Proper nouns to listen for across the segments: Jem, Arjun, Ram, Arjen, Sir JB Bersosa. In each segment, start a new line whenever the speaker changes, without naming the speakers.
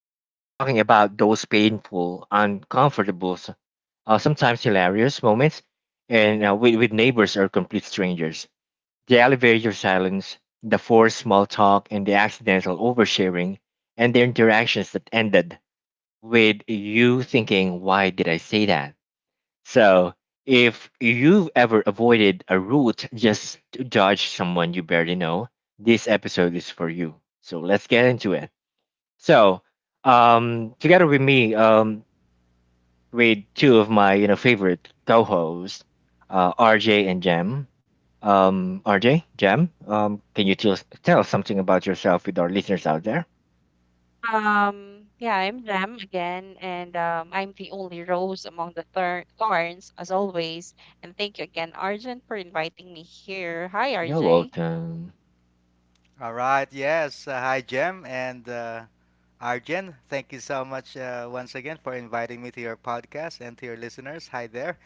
we were talking about those painful, uncomfortable, sometimes hilarious moments and with neighbors or complete strangers. The elevator silence, the forced small talk, and the accidental oversharing, and the interactions that ended with you thinking, why did I say that? So if you've ever avoided a route just to judge someone you barely know, this episode is for you. So let's get into it. So Together with me, with two of my favorite co-hosts, RJ and Jam. RJ, Jam, can you tell us something about yourself with our listeners out there?
Yeah, I'm Ram again, and I'm the only rose among the thorns, as always. And thank you again, Arjun, for inviting me here. Hi,
You're
RJ.
welcome.
All right, yes. Hi, Jem and Arjen. Thank you so much once again for inviting me to your podcast and to your listeners. Hi there,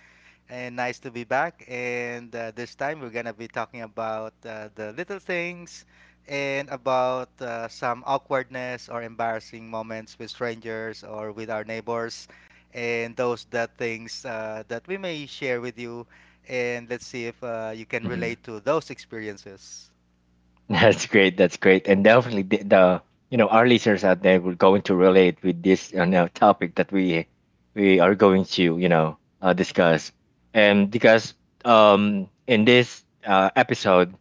and nice to be back. And this time we're going to be talking about the little things and about some awkwardness or embarrassing moments with strangers or with our neighbors and those that things that we may share with you. And let's see if you can relate to those experiences.
That's great. That's great. And definitely the you know our listeners out there will going to relate with this topic that we are going to discuss. And because in this episode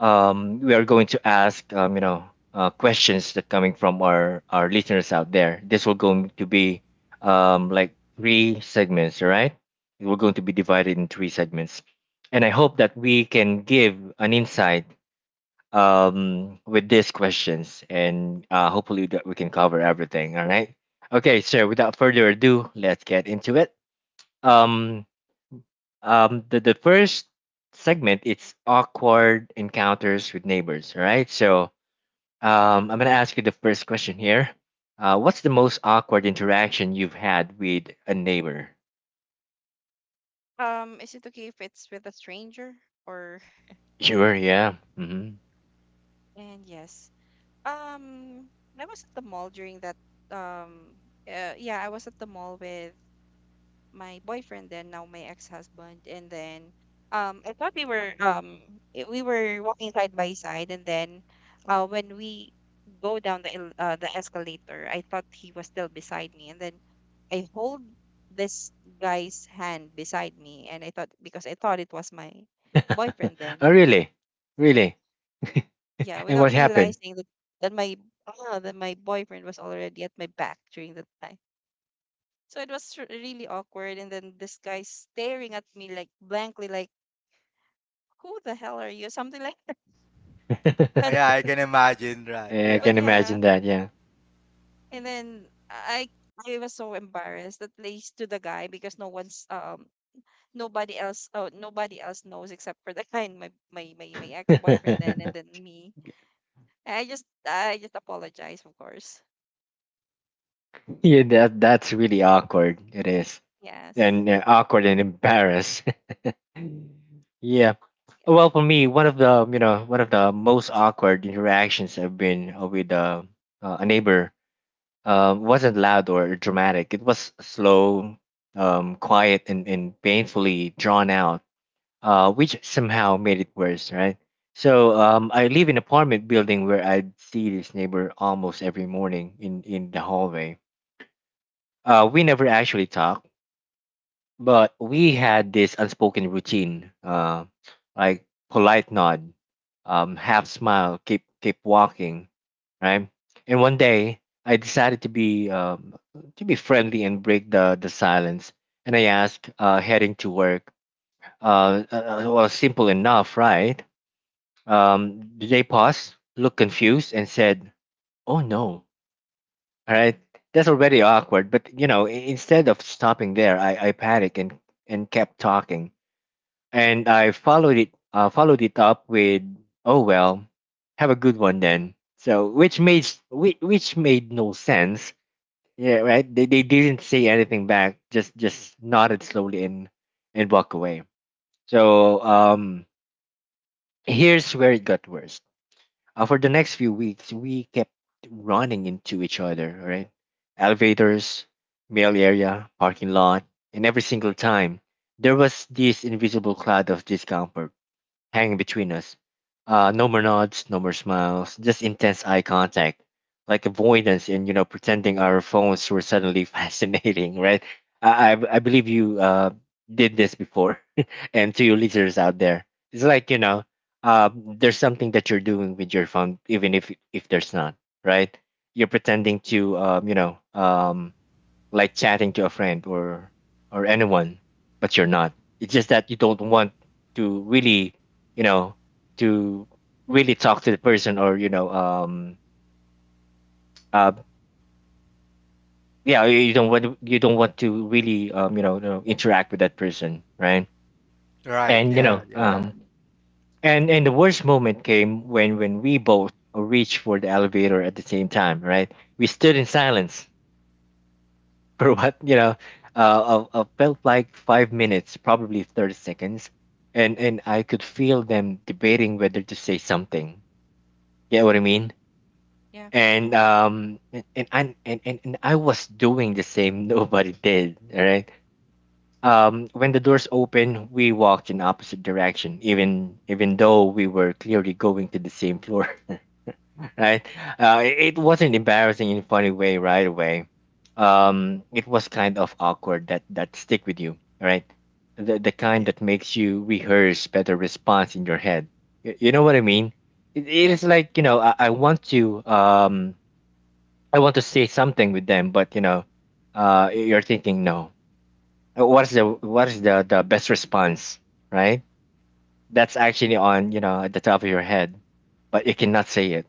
we are going to ask questions that coming from our listeners out there. This will going to be like three segments, right? We're going to be divided in three segments, and I hope that we can give an insight, with these questions, and hopefully that we can cover everything. All right. Okay. So without further ado, let's get into it. Um, the first segment it's awkward encounters with neighbors. All right. I'm gonna ask you the first question here. What's the most awkward interaction you've had with a neighbor?
Is it okay if it's with a stranger? Or
Sure. Yeah.
and Yes. Um, I was at the mall during that. Um, yeah, I was at the mall with my boyfriend then now my ex-husband, and then I thought we were we were walking side by side, and then when we go down the the escalator I thought he was still beside me, and then I hold this guy's hand beside me, and I thought, because I thought it was my boyfriend then,
Oh, really? Really?
yeah,
And
without
what happened?
realizing that my that my boyfriend was already at my back during that time. So it was really awkward. And then this guy staring at me like blankly, like, who the hell are you? Something like that.
Oh,
But
yeah, I can imagine that.
Yeah, I
Yeah.
but
can
yeah.
imagine that. Yeah.
And then I was so embarrassed, at least to the guy, because no one's nobody else oh nobody else knows except for the guy and my ex boyfriend then and then me. I just apologize, of course.
Yeah. That that's really awkward. It is,
Yes.
and awkward and embarrassed. Yeah.
Yeah.
Well, for me, one of the one of the most awkward interactions I've been with a neighbor wasn't loud or dramatic. It was slow, quiet, and painfully drawn out, which somehow made it worse, right? So I live in an apartment building where I'd see this neighbor almost every morning in the hallway. We never actually talked, but we had this unspoken routine, like polite nod, half smile, keep walking, right? And one day I decided to be friendly and break the silence, and I asked, heading to work. Well, simple enough, right? DJ paused, looked confused, and said, "Oh no!" All right, that's already awkward. But you know, instead of stopping there, I panicked and kept talking, and I followed it up with, "Oh well, have a good one then." So, which made no sense. Yeah, right. They didn't say anything back. Just nodded slowly and walk away. So um, Here's where it got worse. For the next few weeks, we kept running into each other, right? Elevators, mail area, parking lot, and every single time, there was this invisible cloud of discomfort hanging between us. No more nods, no more smiles, just intense eye contact, like avoidance and pretending our phones were suddenly fascinating, right? I believe you did this before, and to your listeners out there, it's like there's something that you're doing with your phone, even if there's not, right? You're pretending to like chatting to a friend or anyone, but you're not. It's just that you don't want to really, you know, to really talk to the person or you know, uh, yeah, you don't want you don't want to really, you know, interact with that person, right?
Right.
And you
Yeah.
know,
Yeah.
Right.
Yeah.
Yeah.
Right.
um, and and the worst moment came when we both reached for the elevator at the same time, right? We stood in silence for what felt like five minutes probably 30 seconds and I could feel them debating whether to say something get what I mean
Yeah.
and I was doing the same nobody did all right when the doors opened we walked in opposite direction even though we were clearly going to the same floor right? It it wasn't embarrassing in a funny way right away. It was kind of awkward that that stick with you, right? The
Right.
kind
Yeah.
that makes you rehearse better response in your head. You know what I mean? It
Yeah.
is like you know I want to say something with them, but you know, you're thinking no. What is the what is the best response, right? That's actually on you know at the top of your head, but you cannot say it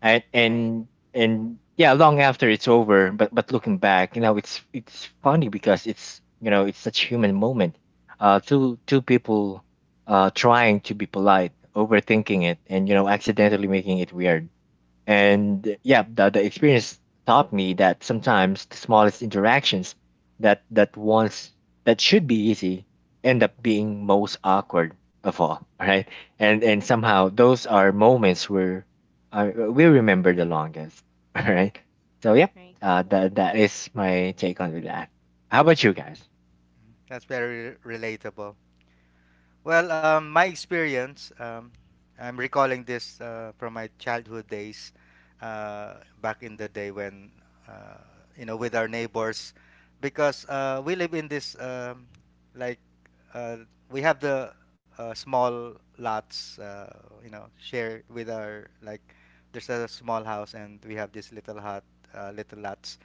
and
Right.
and and yeah long after it's over but looking back you know it's funny because it's you know it's such human moment two two people trying to be polite overthinking it and you know accidentally making it weird and yeah, the experience taught me that sometimes the smallest interactions that once that should be easy end up being most awkward of all, right? And somehow those are moments where we remember the longest, all right? So yeah,
Right.
that that is my take on that. How about you guys?
That's very relatable. Well, my
Eh,
experience, I'm recalling this from my childhood days, back in the day when, uh, you know, with our neighbors, because we live in this, like, uh, we have the small lots, you know, share with our, like, there's a small house and we have this little hut, little lots.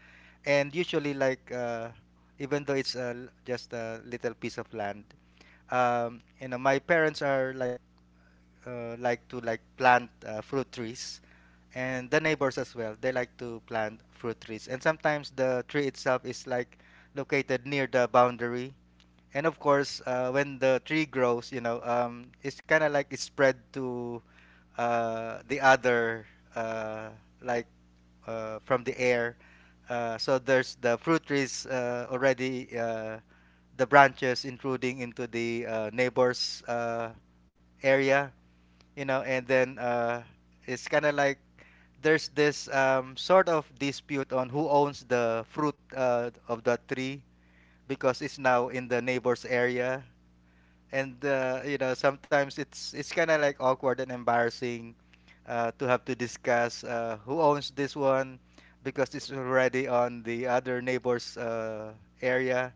And usually, like, even though it's just a little piece of land, you know, my parents are like to like plant fruit trees, and the neighbors as well. They like to plant fruit trees, and sometimes the tree itself is like located near the boundary, and of course, when the tree grows, you know, it's kind of like it's spread to the other, uh, like from the air. So there's the fruit trees already, the branches intruding into the neighbor's area, you know, and then it's kind of like there's this sort of dispute on who owns the fruit of the tree because it's now in the neighbor's area, and you know sometimes it's kind of like awkward and embarrassing to have to discuss who owns this one because it's already on the other neighbor's area.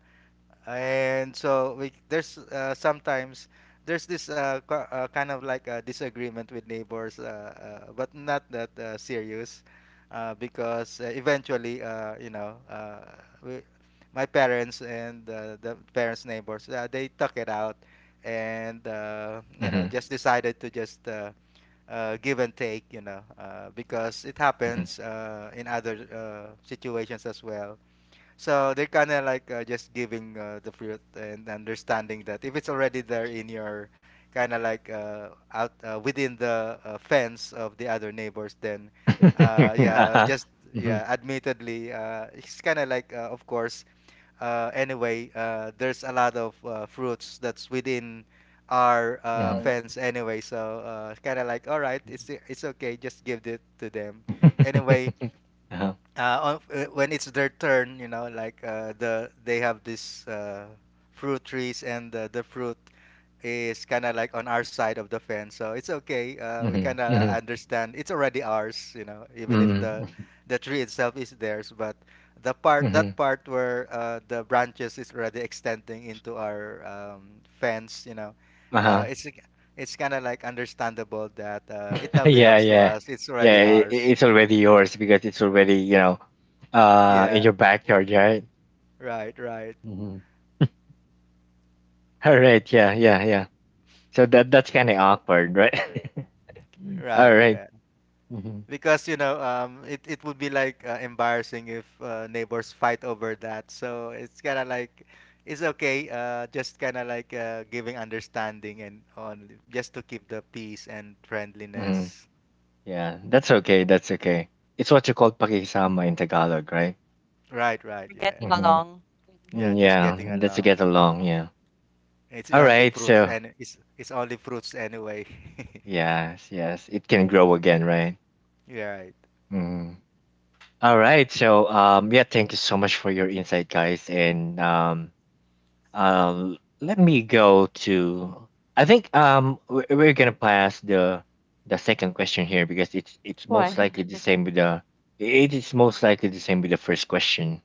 And so we there's sometimes there's this kind of like a disagreement with neighbors but not that serious because eventually you know we, my parents and the parents neighbors they took it out and
Mm-hmm.
you know just decided to just give and take you know because it
Mm-hmm.
happens in other situations as well, so they're kind of like just giving the fruit and understanding that if it's already there in your kind of like out within the fence of the other neighbors, then yeah,
Uh-huh.
just
Mm-hmm.
yeah, admittedly, it's kind of like of course. Anyway, there's a lot of fruits that's within our
Mm-hmm.
fence anyway, so kind of like all right, it's okay, just give it to them. Anyway,
Uh-huh.
when it's their turn, you know, like they have this fruit trees, and the fruit is kind of like on our side of the fence, so it's okay. We
Mm-hmm.
kind
Mm-hmm.
of understand it's already ours, you know, even if
Mm-hmm.
the the tree itself is theirs, but the part
Hmm.
that part where the branches is already extending into our fence, you know, uh,
Uh-huh.
it's it's kind of like understandable that it now
Yeah,
belongs to
yeah,
us. It's already
yeah. It,
ours.
it's already yours because it's already you know, in
Yeah,
your backyard, right?
right, right.
Hmm. All right. Yeah, yeah, yeah. So that that's kind of awkward, right? All
Right,
right.
yeah.
Mm-hmm.
Because you know, it it would be like embarrassing if neighbors fight over that. So it's kind of like, it's okay. Just kind of like giving understanding and on just to keep the peace and
Mm-hmm.
friendliness.
Yeah, that's okay. That's okay. It's what you call pakisama in Tagalog, right?
Right,
We're
right,
getting
yeah,
along.
Mm-hmm.
yeah.
English.
Just
Yeah,
getting
that's to
along.
get along. Yeah.
It's
All
only
right.
fruits
So
and it's only fruits anyway.
yes, yes, it can grow again, right?
Yeah, right.
Mm-hmm. All right. Yeah, thank you so much for your insight, guys. And let me go to. I think we're gonna pass the second question here because it's most
Why?
likely the same with the it is most likely the same with the first question,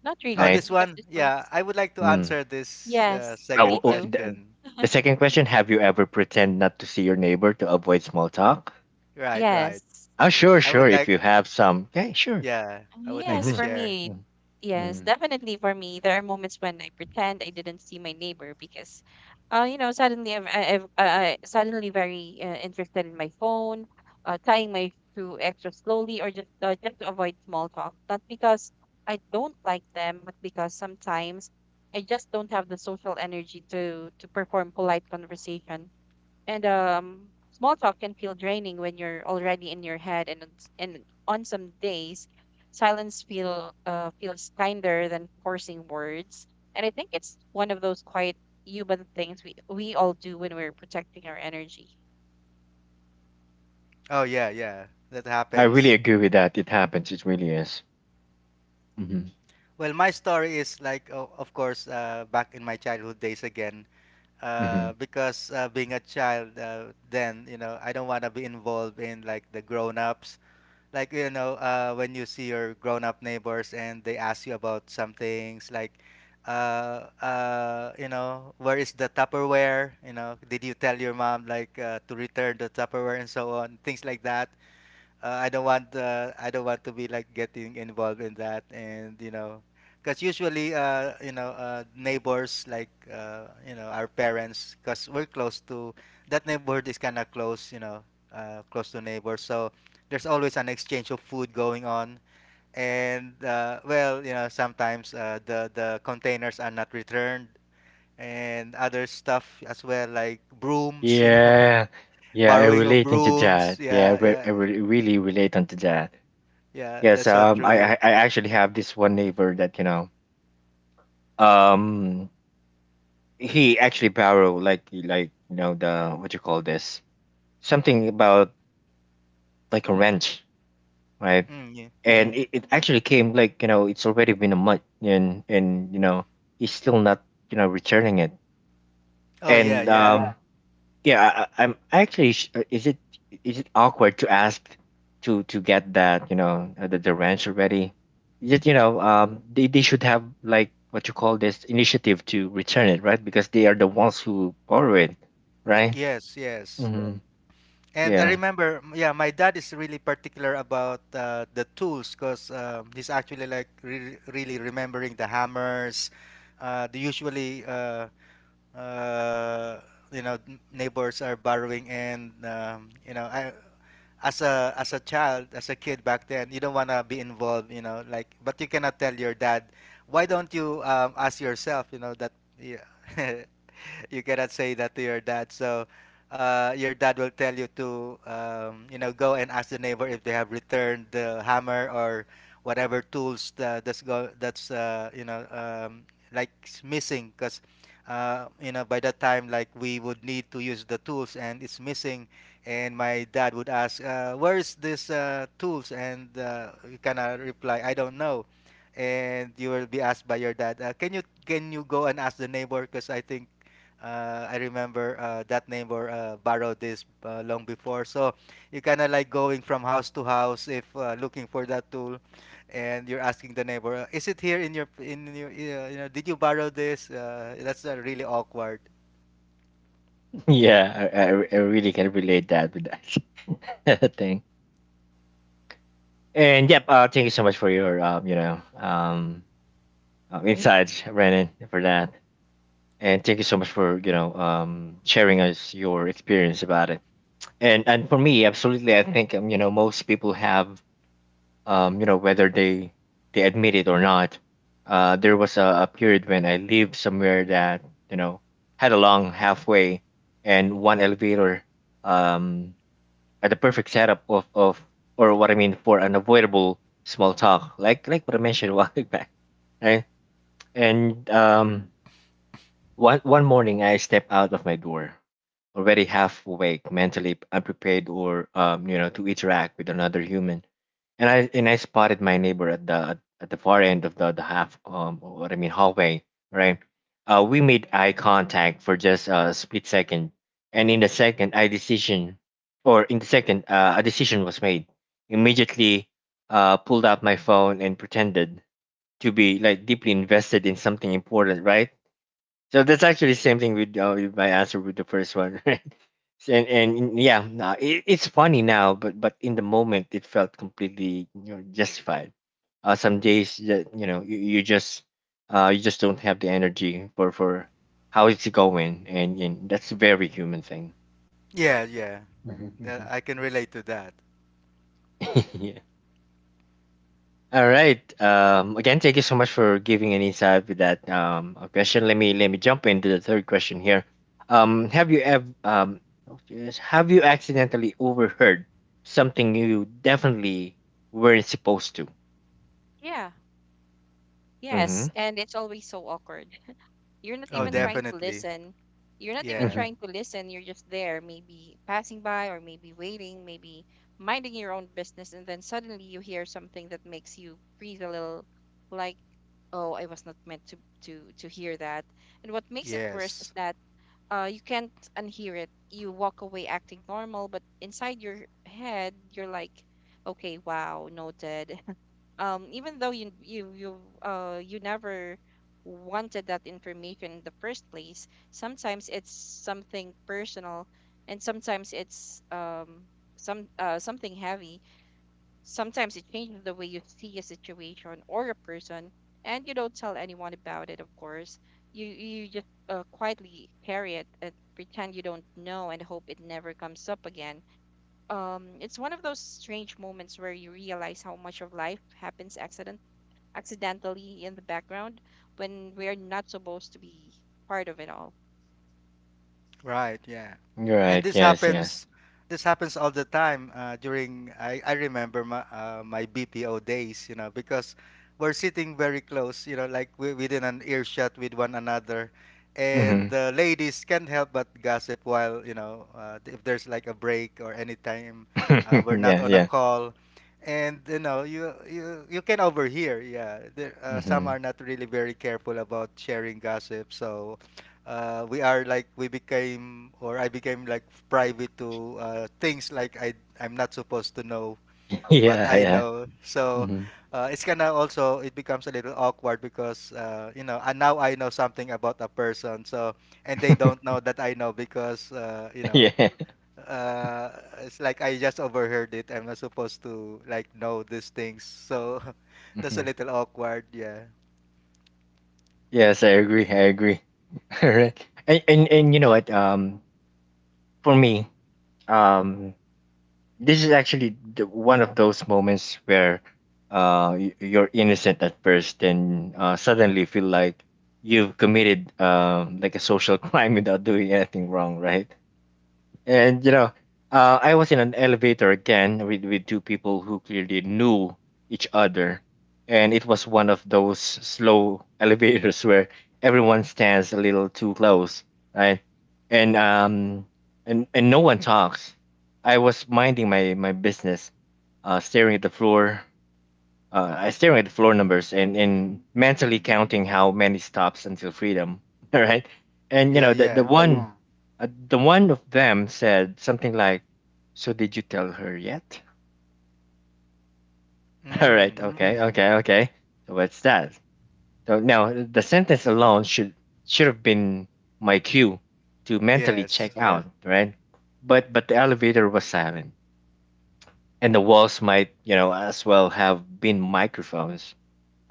Not
Oh,
really,
right?
this
because
one.
this
Yeah,
one's
I would like to
Mm.
answer this
yes, me
Oh,
second
oh,
too.
question.
the second question: Have you ever pretend not to see your neighbor to avoid small talk?
Right, right.
Yes.
Oh, sure,
I
sure.
would
If
like
you have some, okay, sure.
yeah, I would like
Yes,
to
Mm-hmm.
for
share.
me.
Mm-hmm.
Yes,
Mm-hmm.
definitely for me. There are moments when I pretend I didn't see my neighbor because you know, suddenly I'm, I- I've, I suddenly very interested in my phone, tying my shoe extra slowly, or just to avoid small talk. Not because I don't like them, but because sometimes I just don't have the social energy to perform polite conversation. And small talk can feel draining when you're already in your head. And on some days, silence feels kinder than forcing words. And I think it's one of those quiet human things we all do when we're protecting our energy.
Oh yeah, yeah, that
I really
happens.
agree with that. It happens. It really is. Hmm.
Well, my story is like, o of course, back in my childhood days again,
Hmm.
because being a child then, you know, I don't want to be involved in like the grown-ups. Like, you know, when you see your grown-up neighbors and they ask you about some things like, you know, where is the Tupperware? You know, did you tell your mom like to return the Tupperware and so on, things like that. I don't want to be like getting involved in that, and you know because usually you know neighbors like you know our parents, because we're close to that neighborhood is kind of close you know close to neighbors, so there's always an exchange of food going on. And well you know sometimes the containers are not returned, and other stuff as well, like brooms you know.
Yeah, yeah, I
Borrowing of
relate into
brooms,
that. Yeah, I,
yeah
re-
yeah,
I re- really relate onto that.
yeah
Yes,
that's so true.
I actually have this one neighbor that you know, um, he actually borrow like you know the what you call this something about like a wrench, right?
Mm, yeah. hmm
And it actually came like you know it's already been a month and you know he's still not you know returning it.
Oh, yeah,
And
yeah.
Yeah, I- am actually. Is it awkward to ask to get that you know the ranch already? Just you know, they should have like what you call this initiative to return it, right? Because they are the ones who borrow it, right?
Yes, yes.
hmm
And I
Yeah,
remember, yeah, my dad is really particular about the tools, because he's actually like re really remembering the hammers. The Usually, uh, you know, neighbors are borrowing, and you know, I as a child, as a kid back then, you don't want to be involved, you know, like, but you cannot tell your dad, why don't you ask yourself, you know, that yeah. You cannot say that to your dad. So your dad will tell you to you know go and ask the neighbor if they have returned the hammer or whatever tools that's you know like s- missing, because you know by that time like we would need to use the tools and it's missing. And my dad would ask where is this tools, and you cannot reply I don't know. And you will be asked by your dad can you go and ask the neighbor because I think I remember that neighbor borrowed this long before. So you kind of like going from house to house if looking for that tool, and you're asking the neighbor, "Is it here in your you know? Did you borrow this?" That's really awkward.
yeah, I really can relate that with that thing. And yep, thank you so much for your insights, Brandon, for that. And thank you so much for sharing us your experience about it and for me absolutely I think you know most people have you know whether they admit it or not there was a period when I lived somewhere that you know had a long halfway and one elevator um, at the perfect setup of or what I mean for unavoidable small talk like what I mentioned a while back right and one, one morning, I stepped out of my door, already half awake, mentally unprepared, or you know, to interact with another human. And I spotted my neighbor at the far end of the half what I mean hallway, right? We made eye contact for just a split second, and in the second, a decision was made. Immediately, pulled out my phone and pretended to be like deeply invested in something important, right? So that's actually the same thing with my answer with the first one, right? And it's funny now, but in the moment it felt completely justified. Some days that you just don't have the energy for how it's going, and that's a very human thing.
Yeah, yeah,
Mhm,
I can relate to that.
mhm. Yeah. All right. Again, thank you so much for giving an insight with that question. Let me jump into the third question here. Have you ever oh, yes, Have you accidentally overheard something you definitely weren't supposed to?
Yeah. Yes.
Mm-hmm.
And it's always so awkward. You're not
Oh,
even
Mm-hmm.
trying to
definitely.
listen. You're not even
Mm-hmm.
Yeah.
trying to listen. You're just there, maybe passing by, or maybe waiting, maybe minding your own business. And then suddenly you hear something that makes you freeze a little, like, oh, I was not meant to hear that. And what makes it worse is
Yes.
that you can't unhear it. You walk away acting normal, but inside your head, you're like, okay, wow, noted, even though you never wanted that information in the first place. Sometimes it's something personal, and sometimes it's something heavy. Sometimes it changes the way you see a situation or a person, and you don't tell anyone about it, of course. You just quietly carry it and pretend you don't know and hope it never comes up again. It's one of those strange moments where you realize how much of life happens accidentally in the background, when we're not supposed to be part of it all.
Right, yeah. And
Right.
this
Yes. Yes.
happens this happens all the time during I remember my my BPO days, you know, because we're sitting very close, you know, like we, within an earshot with one another. And
Mm-hmm.
the ladies can't help but gossip while, you know, if there's like a break or anytime we're not
Yeah.
on a
Yeah.
call. And you know, you can overhear, yeah. There, some
Mm-hmm.
are not really very careful about sharing gossip, so we are like we became or I became like private to things like I I'm not supposed to know, but
Yeah.
I
Yeah.
know. So
Mm-hmm.
it's kind of also it becomes a little awkward, because you know and now I know something about a person. So and they don't know that I know because you know.
Yeah.
Uh, it's like I just overheard it. I'm not supposed to like know these things, so that's a
Mm-hmm.
little awkward. Yeah,
Yes, I agree. I agree. All right. And you know what? For me, um this is actually one of those moments where you're innocent at first, then suddenly feel like you've committed like a social crime without doing anything wrong, right? And you know, I was in an elevator again with two people who clearly knew each other. And it was one of those slow elevators where everyone stands a little too close, right? And um and no one talks. I was minding my business, staring at the floor, I staring at the floor numbers and mentally counting how many stops until freedom. All right, and you
yeah,
know the the
yeah.
one Yeah. The one of them said something like, "So did you tell her yet?" All right,
Mm.
okay, Mm. okay, okay. So what's that? So now the sentence alone should have been my cue to mentally
Yes.
check Yeah. out, right? But the elevator was silent, and the walls might, you know, as well have been microphones.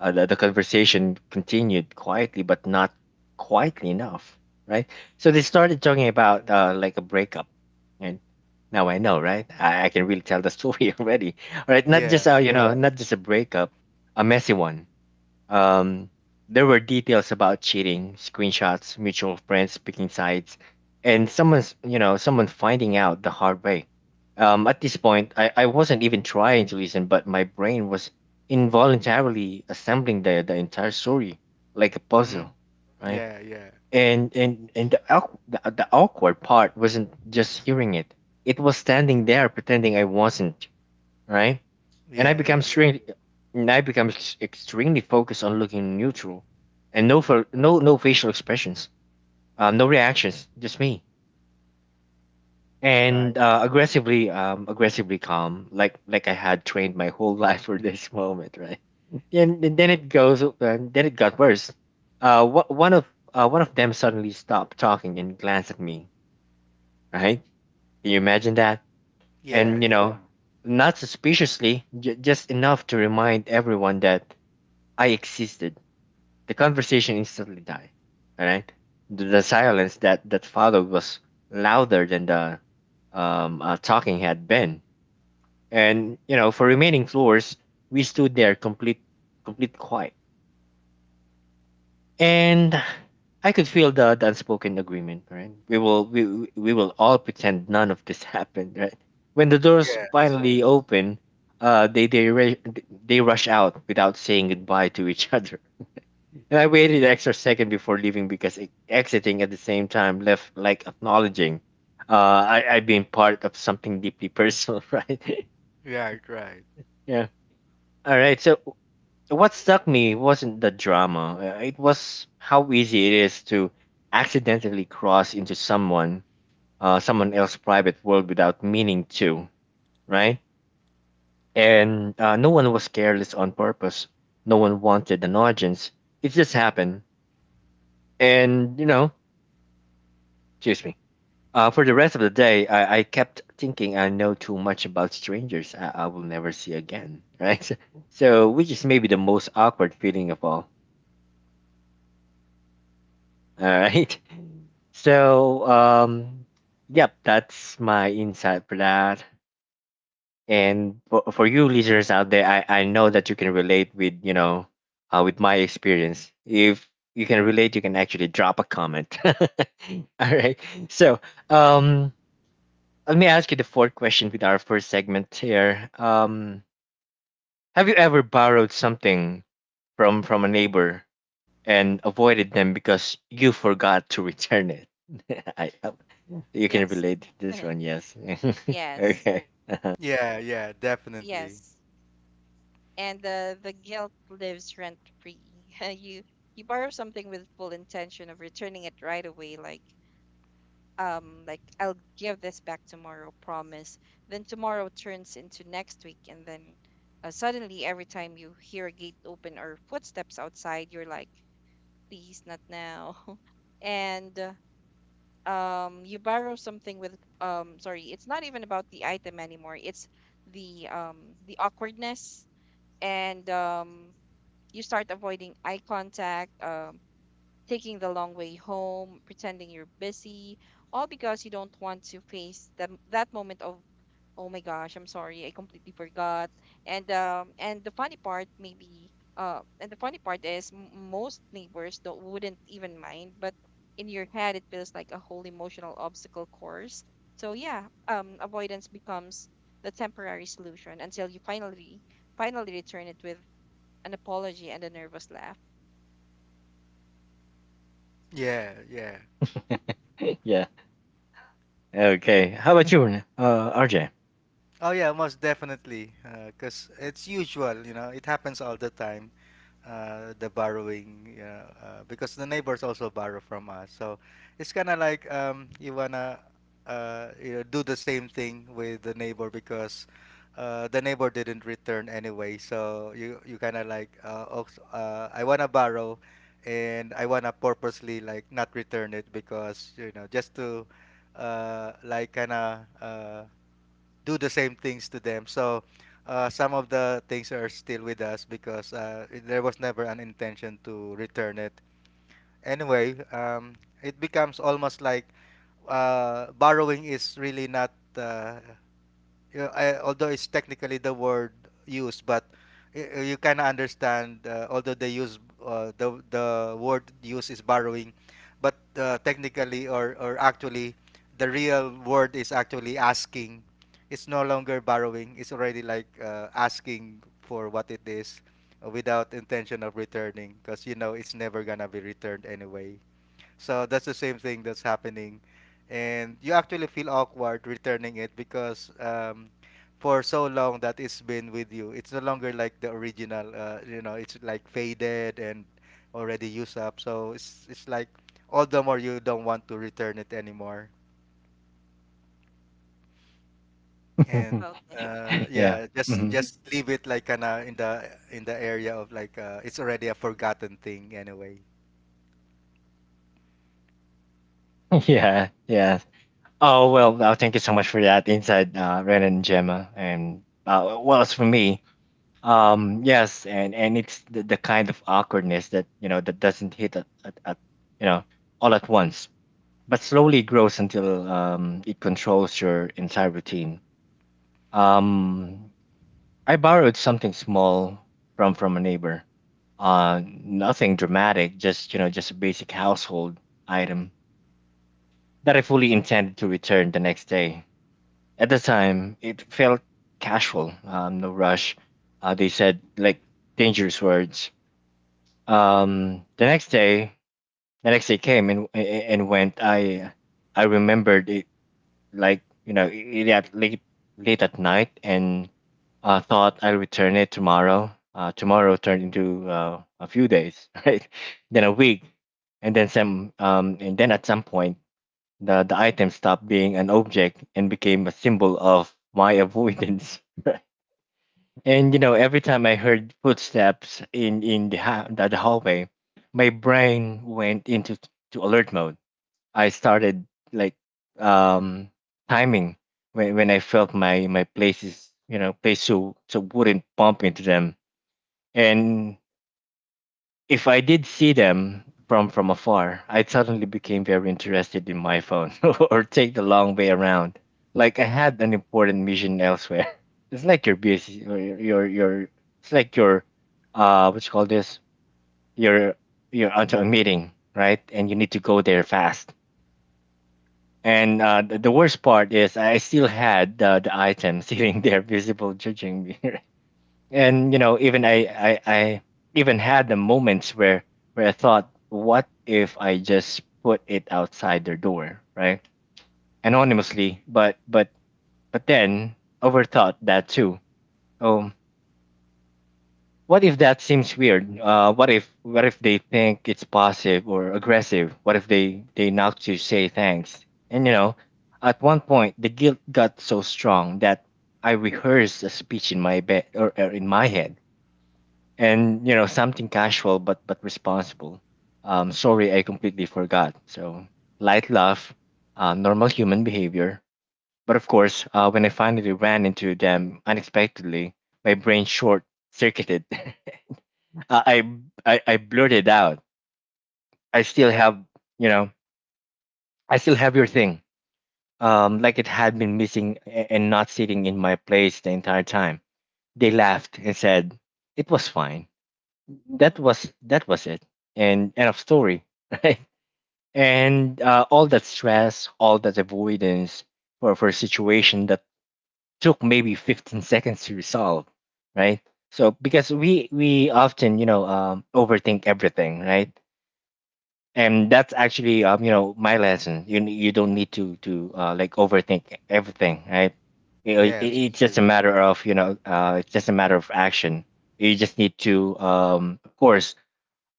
The conversation continued quietly, but not quietly enough, right? So they started talking about like a breakup, and now I know, right? I can really tell the story already. All right, not just
Yeah.
Yeah. not just a breakup, a messy one. um, there were details about cheating, screenshots, mutual friends picking sides, and someone's you know someone finding out the hard way. At this point, I wasn't even trying to listen, but my brain was involuntarily assembling the entire story like a
Mm-hmm.
puzzle, right?
Yeah, yeah,
And the, awk- The awkward part wasn't just hearing it; it was standing there pretending I wasn't, right? And I
yeah,
become
yeah.
strange. And I become extremely focused on looking neutral, and no facial expressions, no reactions, just me. And
Right.
aggressively calm, like I had trained my whole life for this moment, right? And then it goes, Then it got worse. Uh, wha- one of One of them suddenly stopped talking and glanced at me. Right? Can you imagine that?
Yeah,
And you
yeah.
know, not suspiciously, just enough to remind everyone that I existed. The conversation instantly died. All right. The silence that followed was louder than the talking had been, and you know, for remaining floors, we stood there complete quiet, and I could feel the unspoken agreement. Right. We will all pretend none of this happened. Right. When the doors
Yes.
finally open, uh, they they ra- they rush out without saying goodbye to each other. And I waited an extra second before leaving because exiting at the same time left like acknowledging uh, I've been part of something deeply personal, right?
Right, right.
Yeah. All right. So what stuck me wasn't the drama. It was how easy it is to accidentally cross into someone else's private world without meaning to, right? And no one was careless on purpose. No one wanted an audience. It just happened. And, you know, excuse me. For the rest of the day, I kept thinking I know too much about strangers I will never see again, right? So, which is maybe the most awkward feeling of all right? So, um, yep, that's my insight for that. And for you listeners out there, I know that you can relate with, you know, with my experience. If you can relate, you can actually drop a comment. All right. So, um, Let me ask you the fourth question with our first segment here. Have you ever borrowed something from a neighbor and avoided them because you forgot to return it? I, I- you can
Yes.
relate to this one, yes.
Yes.
Okay. Uh-huh.
Yeah, yeah, definitely.
Yes. And the guilt lives rent free. You borrow something with full intention of returning it right away, like, I'll give this back tomorrow, promise. Then tomorrow turns into next week, and then suddenly every time you hear a gate open or footsteps outside, you're like, please not now. and You borrow something with, sorry, it's not even about the item anymore, it's the, the awkwardness. And you start avoiding eye contact, taking the long way home, pretending you're busy, all because you don't want to face that moment of, oh my gosh, I'm sorry, I completely forgot. And the funny part, maybe and the funny part is, most neighbors don't wouldn't even mind, but in your head it feels like a whole emotional obstacle course. So yeah, avoidance becomes the temporary solution until you finally return it with an apology and a nervous laugh.
Yeah, yeah.
Yeah. Okay. How about you, RJ?
Oh yeah, most definitely. 'Cause it's usual, you know. It happens all the time. The borrowing, you know, because the neighbors also borrow from us. So it's kind of like you wanna, you know, do the same thing with the neighbor because the neighbor didn't return anyway. So you kind of like, also, I wanna borrow, and I wanna purposely like not return it, because you know just to, like kind of. Do the same things to them. So some of the things are still with us because there was never an intention to return it. Anyway, it becomes almost like borrowing is really not yeah, I, although it's technically the word used, but you kind of understand. Although they use the word used is borrowing, but technically or actually, the real word is actually asking. It's no longer borrowing. It's already like asking for what it is, without intention of returning, because you know it's never gonna be returned anyway. So that's the same thing that's happening. And you actually feel awkward returning it, because for so long that it's been with you, it's no longer like the original. You know, it's like faded and already used up. So it's like all the more you don't want to return it anymore. And
Okay. Mm.
Yeah.
Yeah,
Hmm.
just leave it like kinda in the area of it's already a forgotten thing anyway.
Yep.
Yeah. Yeah. Oh well. Thank you so much for that insight, Ren and Gemma. And well, as for me, yes, and it's the kind of awkwardness that you know that doesn't hit at, you know, all at once, but slowly grows until it controls your entire routine. Um, I borrowed something small from a neighbor. Nothing dramatic, just you know just a basic household item that I fully intended to return the next day. At the time, it felt casual, no rush. They said like dangerous words. Um, the next day, the next day came and went. I remembered it like you know it at late at night, and thought I'll return it tomorrow. Tomorrow turned into a few days, right? Then a week, and then some. And then at some point, the item stopped being an object and became a symbol of my avoidance. And you know, every time I heard footsteps in the hallway, my brain went to alert mode. I started like um timing when I felt my places, you know, place so so wouldn't bump into them. And if I did see them from afar, I suddenly became very interested in my phone or take the long way around. Like I had an important mission elsewhere. It's like you're busy or you're- it's like you're what you call this? You're you're onto a meeting, right? And you need to go there fast. And the worst part is I still had the item sitting there, visible, judging me. And you know, even I even had the moments where I thought, what if I just put it outside their door, right, anonymously? But then overthought that too. Oh, what if that seems weird? What if they think it's passive or aggressive? What if they knock to say thanks? And you know, at one point the guilt got so strong that I rehearsed a speech in my head, and you know, something casual but responsible. Sorry, I completely forgot. So light laugh, normal human behavior. But of course, when I finally ran into them unexpectedly, my brain short circuited I, I blurted out, I still have, you know, I still have your thing, like it had been missing, and not sitting in my place the entire time. They laughed and said it was fine. That
Hmm.
was it, and end of story. Right. And all that stress, all that avoidance, for a situation that took maybe 15 seconds to resolve, right? So because we often, you know, overthink everything, right? And that's actually, my lesson, you don't need to like overthink everything, right? You know, it,
Yes.
it's just a matter of, you know, it's just a matter of action. You just need to, of course,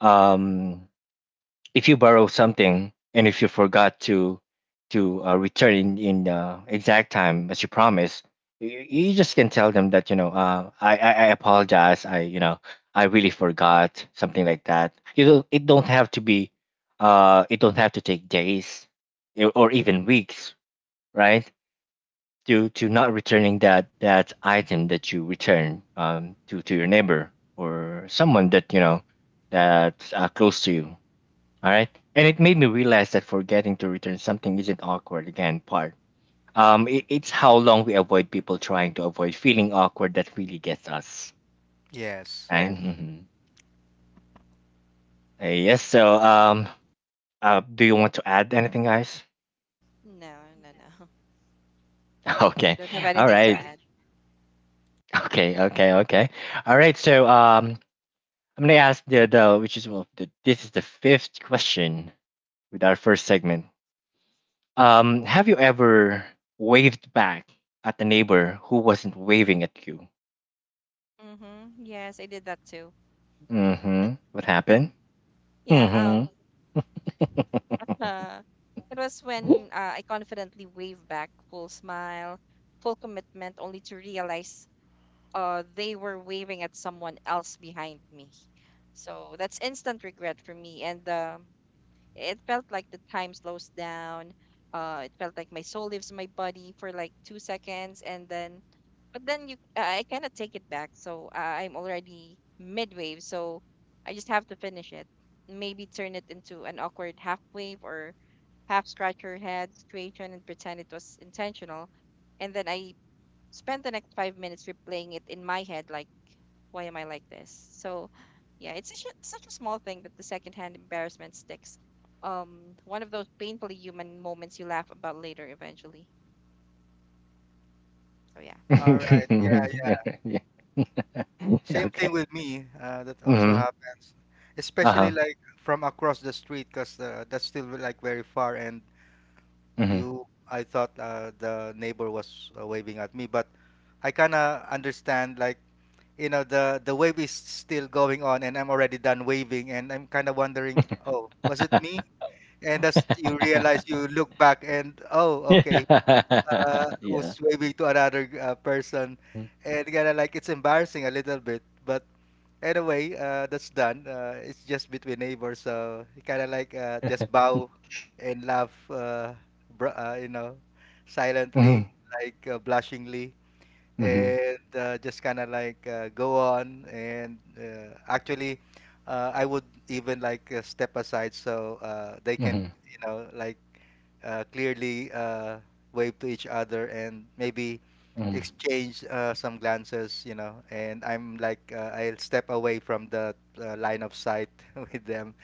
um if you borrow something and if you forgot to return in exact time as you promised, you just can tell them that, you know, I apologize, I you know I really forgot, something like that. You don't, it don't have to be, it don't have to take days, or even weeks, right, to not returning that item that you return to your neighbor or someone that you know that's close to you. All right. And it made me realize that forgetting to return something isn't awkward again part. It's how long we avoid people trying to avoid feeling awkward that really gets us.
Yes.
Right? Mhm. Yes. So, do you want to add anything, guys?
No, no, no.
Okay.
Don't have
All
anything to
right.
add.
Okay. Okay. Okay. All right. I'm gonna ask the which is well, the, this is the fifth question with our first segment. Have you ever waved back at a neighbor who wasn't waving at you?
Mm-hmm. Yes, I did that too.
Mm-hmm. What happened?
Yeah.
Mm-hmm.
Uh, it was when I confidently waved back, full smile, full commitment, only to realize they were waving at someone else behind me. So that's instant regret for me. And it felt like the time slows down. It felt like my soul leaves my body for like 2 seconds. And then, but then you I cannot take it back. So I'm already mid wave, so I just have to finish it. Maybe turn it into an awkward half wave or half scratch your head situation and pretend it was intentional. And then I spend the next 5 minutes replaying it in my head, like, why am I like this? So yeah, it's such a small thing that the secondhand embarrassment sticks. One of those painfully human moments you laugh about later eventually. So yeah.
All right. Yeah, yeah.
Yeah. Yeah. Yeah,
Same thing
okay.
with me. That also
Mm-hmm.
happens, especially
Uh-huh.
like from across the street, cause that's still like very far. And
Mm-hmm.
you, I thought the neighbor was waving at me, but I kind of understand like you know the wave is still going on, and I'm already done waving, and I'm kind of wondering, oh, was it me? And that's you realize you look back and oh, okay,
Yeah. Yeah.
was waving to another person, and kind of like it's embarrassing a little bit, but. Anyway, that's done. It's just between neighbors, so kind of like just bow and laugh, you know, silently,
Mm-hmm.
like blushingly,
Mm-hmm.
and just kind of like go on. And actually, I would even like step aside so they can,
Mm-hmm.
you know, like clearly wave to each other and maybe
Mm-hmm.
exchange some glances, you know. And I'm like, I'll step away from the line of sight with them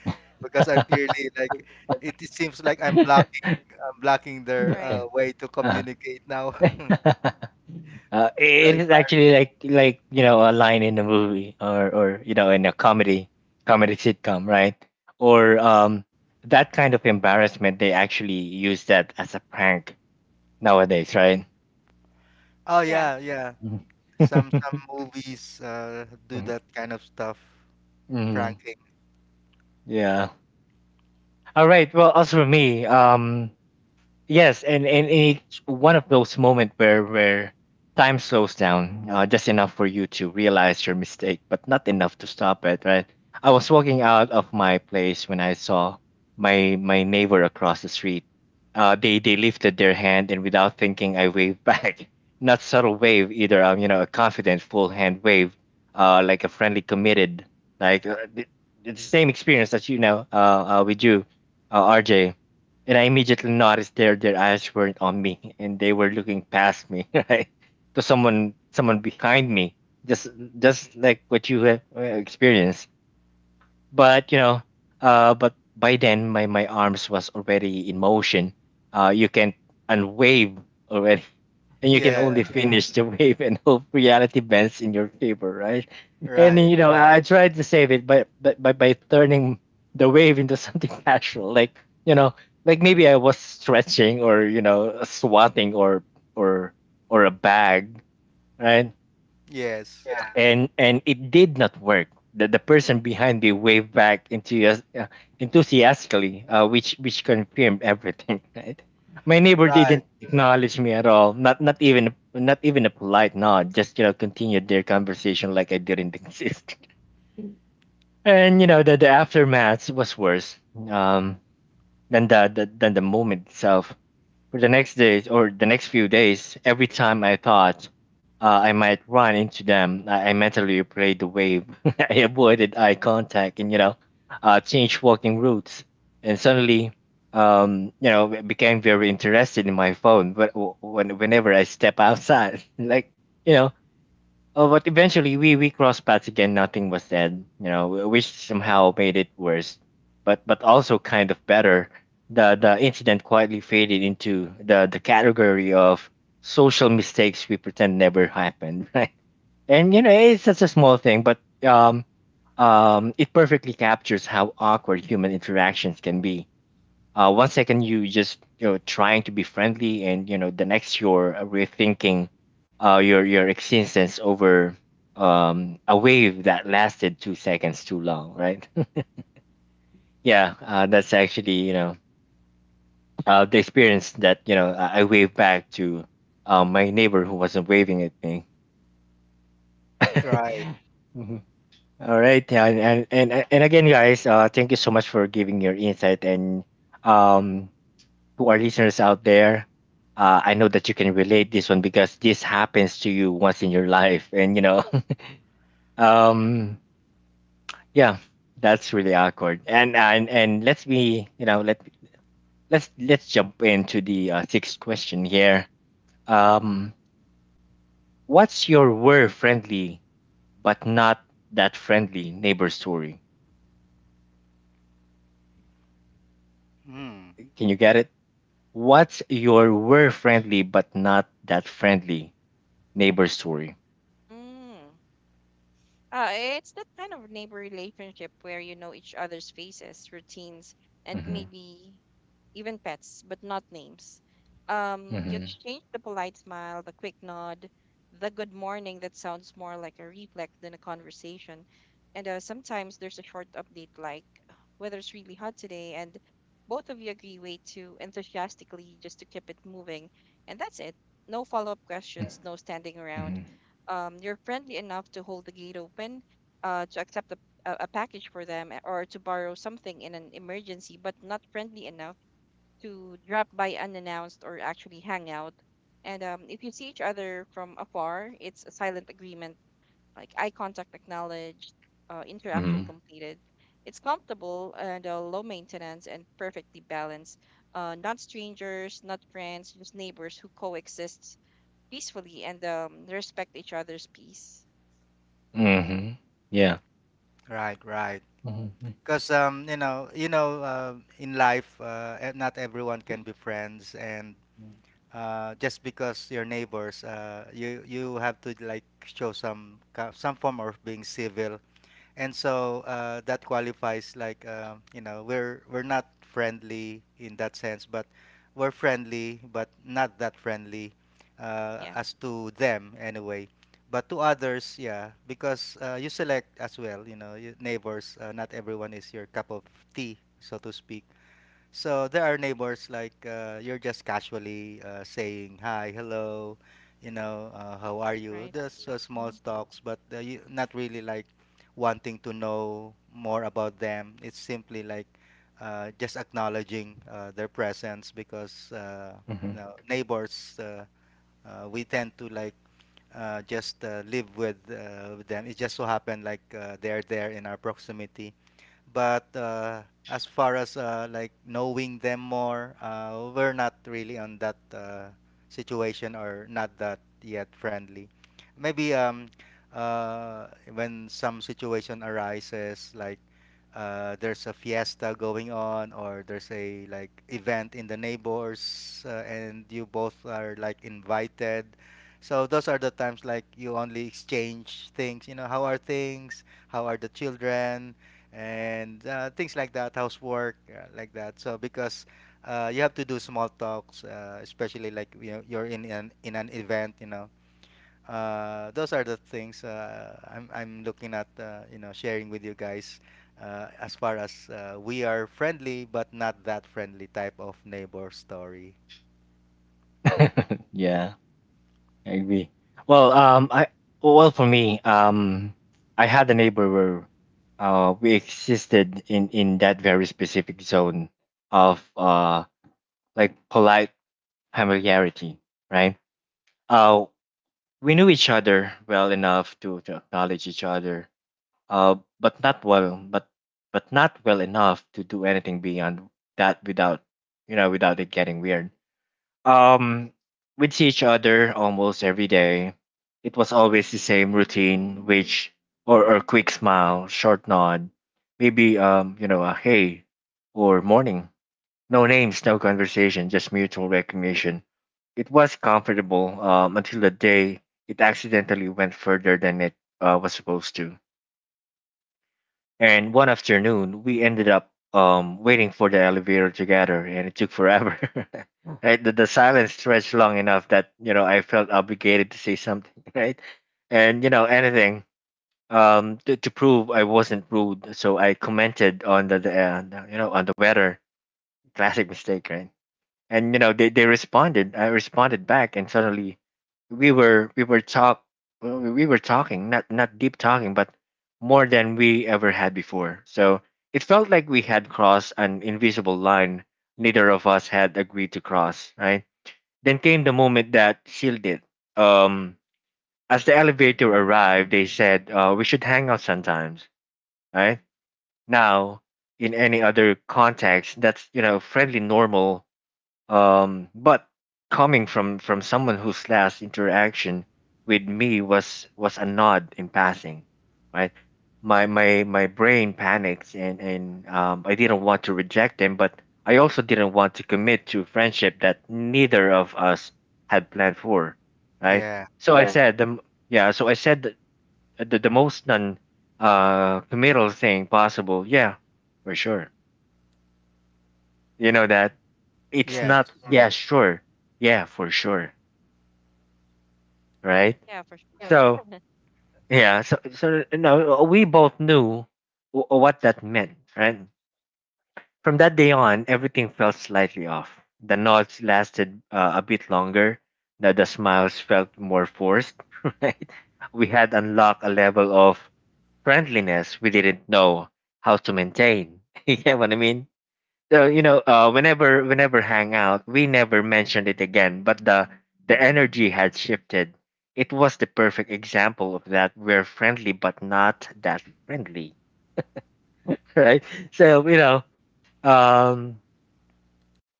because I'm clearly like, it seems like I'm blocking
All
their
right.
way to
Uh-huh.
communicate now. It's so
It is
embarrassing.
actually like you know a line in a movie or you know in a comedy sitcom, right? Or that kind of embarrassment they actually use that as a prank nowadays, right?
Oh
Yeah.
yeah, yeah.
Mhm.
Some movies do
Mhm.
that kind of stuff,
Mhm.
pranking.
Yeah. All right. Well, as for me, yes, and it's one of those moments where time slows down, just enough for you to realize your mistake, but not enough to stop it. Right? I was walking out of my place when I saw my neighbor across the street. They lifted their hand, and without thinking, I waved back. Not subtle wave either. You know, a confident full hand wave, like a friendly, committed, like uh, the, the same experience that you know, with you, RJ. And I immediately noticed their eyes weren't on me and they were looking past me, right? To someone behind me. Just just like what you have experienced but you know but by then my arms was already in motion you can unwave already. And you can
Yeah,
only finish the wave and hope reality bends in your favor, right? And
right.
you know I tried to save it by turning the wave into something casual, like you know, like maybe I was stretching or you know swatting or or a bag, right?
Yes,
And it did not work. The person behind me waved back enthusiastically, which confirmed everything. Right? My neighbor
right,
didn't acknowledge me at all. Not even a polite nod. Just you know continued their conversation like I didn't exist. And you know the aftermath was worse um, than the than the moment itself. For the next days or the next few days, every time I thought I might run into them, I mentally played the wave. I avoided eye contact and, you know, changed walking routes. And suddenly, you know, became very interested in my phone but whenever I step outside. Like, you know, oh, but eventually we crossed paths again. Nothing was said, you know, which somehow made it worse, but also kind of better. The incident quietly faded into the category of social mistakes we pretend never happened, right? And you know, it's such a small thing, but it perfectly captures how awkward human interactions can be. One second you just you know trying to be friendly, and you know the next you're rethinking your existence over a wave that lasted 2 seconds too long, right? Yeah, that's actually you know the experience that you know I waved back to my neighbor who wasn't waving at me.
right.
Mhm.
Mhm. All right, and again, guys, thank you so much for giving your insight and um to our listeners out there, I know that you can relate this one because this happens to you once in your life, and you know, um, yeah, that's really awkward. And let's be, you know, let's jump into the sixth question here. Um, what's your were friendly but not that friendly neighbor story?
Hmm.
Can you get it? What's your were friendly but not that friendly neighbor story?
Mm. It's that kind of neighbor relationship where you know each other's faces, routines, and
Mm-hmm.
maybe even pets, but not names. You exchange the polite smile, the quick nod, the good morning that sounds more like a reflex than a conversation. And sometimes there's a short update like, " weather's really hot today," and both of you agree way too enthusiastically just to keep it moving. And that's it. No follow-up questions, no standing around.
Mm-hmm.
You're friendly enough to hold the gate open, to accept a package for them, or to borrow something in an emergency, but not friendly enough to drop by unannounced or actually hang out. And if you see each other from afar, it's a silent agreement, like eye contact acknowledged, interaction
Mhm.
completed. It's comfortable and low maintenance and perfectly balanced. Not strangers, not friends, just neighbors who coexist peacefully and respect each other's peace.
Mhm. Yeah.
Right, right.
Mhm.
Because you know, in life, not everyone can be friends, and just because you're neighbors, you you have to like show some form of being civil, and so that qualifies like you know we're not friendly in that sense, but we're friendly but not that friendly
Yeah,
as to them anyway, but to others yeah, because you select as well, you know your neighbors. Not everyone is your cup of tea, so to speak. So there are neighbors like you're just casually saying hi, hello, you know, how are you?
right.
Just small
Hmm.
talks, but you not really like wanting to know more about them. It's simply like just acknowledging their presence, because you
Mhm.
know neighbors we tend to like just live with them. It just so happened like they're there in our proximity, but as far as like knowing them more, we're not really on that situation, or not that yet friendly. Maybe uh, when some situation arises, like there's a fiesta going on, or there's a like event in the neighbors and you both are like invited. So those are the times like you only exchange things, you know, how are things? How are the children? And things like that, housework, like that. So because you have to do small talks, especially like you know, you're in an event, you know. Those are the things I'm looking at, you know, sharing with you guys. As far as we are friendly but not that friendly type of neighbor story.
Yeah, I agree. Well, I well for me, I had a neighbor where, we existed in that very specific zone of like polite familiarity, right? Uh, we knew each other well enough to acknowledge each other, uh, but not well, but but not well enough to do anything beyond that without you know without it getting weird. Um, we see each other almost every day. It was always the same routine, which or a quick smile, short nod, maybe you know, a hey or morning. No names, no conversation, just mutual recognition. It was comfortable until the day it accidentally went further than it was supposed to. And one afternoon, we ended up waiting for the elevator together, and it took forever. Right, the silence stretched long enough that you know I felt obligated to say something, right? And you know anything to prove I wasn't rude, so I commented on the you know on the weather. Classic mistake, right? And you know they responded. I responded back and suddenly we were talk we were talking, not deep talking, but more than we ever had before. So it felt like we had crossed an invisible line neither of us had agreed to cross, right? Then came the moment that sealed it. um as the elevator arrived they said, we should hang out sometimes, right? Now in any other context that's you know friendly, normal, but coming from someone whose last interaction with me was a nod in passing, right? My brain panics and I didn't want to reject him, but I also didn't want to commit to friendship that neither of us had planned for, right?
Yeah.
So I said the m- yeah, so I said the most non committal thing possible. Yeah, for sure. You know that it's
Yes.
Right.
not. Yeah, sure. Yeah, for sure. Right.
Yeah, for sure.
So yeah. So so no, we both knew what that meant. Right. From that day on, everything felt slightly off. The nods lasted a bit longer. The smiles felt more forced. Right. We had unlocked a level of friendliness we didn't know how to maintain. You know what I mean? Whenever hang out, we never mentioned it again. But the energy had shifted. It was the perfect example of that. We're friendly, but not that friendly, right? So you know, um,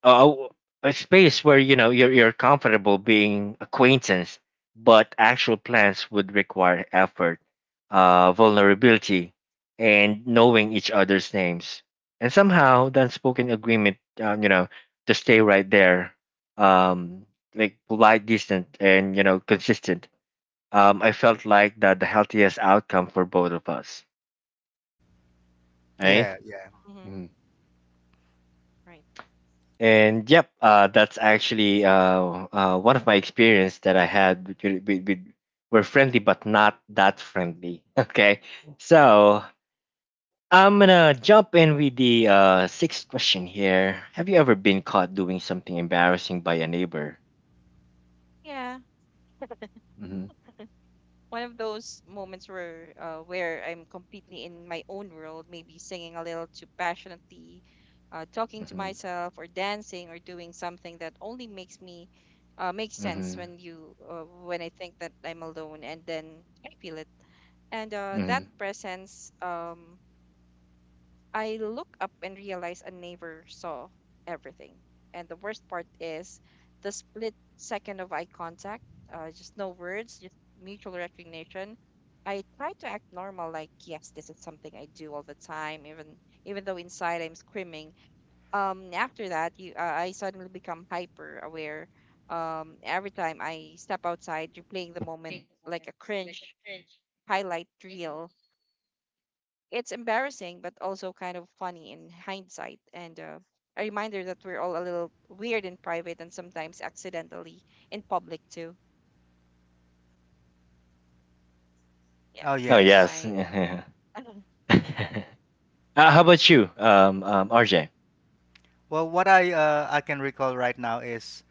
a, space where you know you're comfortable being acquaintance, but actual plans would require effort, vulnerability, and knowing each other's names. And somehow the unspoken agreement, you know, to stay right there, um, like polite, distant, and you know, consistent. I felt like that the healthiest outcome for both of us, right?
Yeah. Yeah.
Hmm. Right.
And yep, that's actually one of my experience that I had with were friendly but not that friendly. Okay, so I'm gonna jump in with the sixth question here. Have you ever been caught doing something embarrassing by a neighbor?
Yeah,
Mm-hmm,
one of those moments where I'm completely in my own world, maybe singing a little too passionately, talking to
mm-hmm,
myself, or dancing, or doing something that only makes sense
mm-hmm,
when you when I think that I'm alone, and then I feel it. And
mm-hmm.
that presence, I look up and realize a neighbor saw everything. And the worst part is the split second of eye contact, just no words, just mutual recognition. I try to act normal, like, yes, this is something I do all the time, even though inside I'm screaming. After that, I suddenly become hyper aware. Every time I step outside, replaying the moment like a cringe highlight reel, it's embarrassing, but also kind of funny in hindsight, and a reminder that we're all a little weird in private and sometimes accidentally in public too. Yeah,
Oh
Oh
that's
yes.
yes.
my.
How about you, RJ?
Well, what I can recall right now is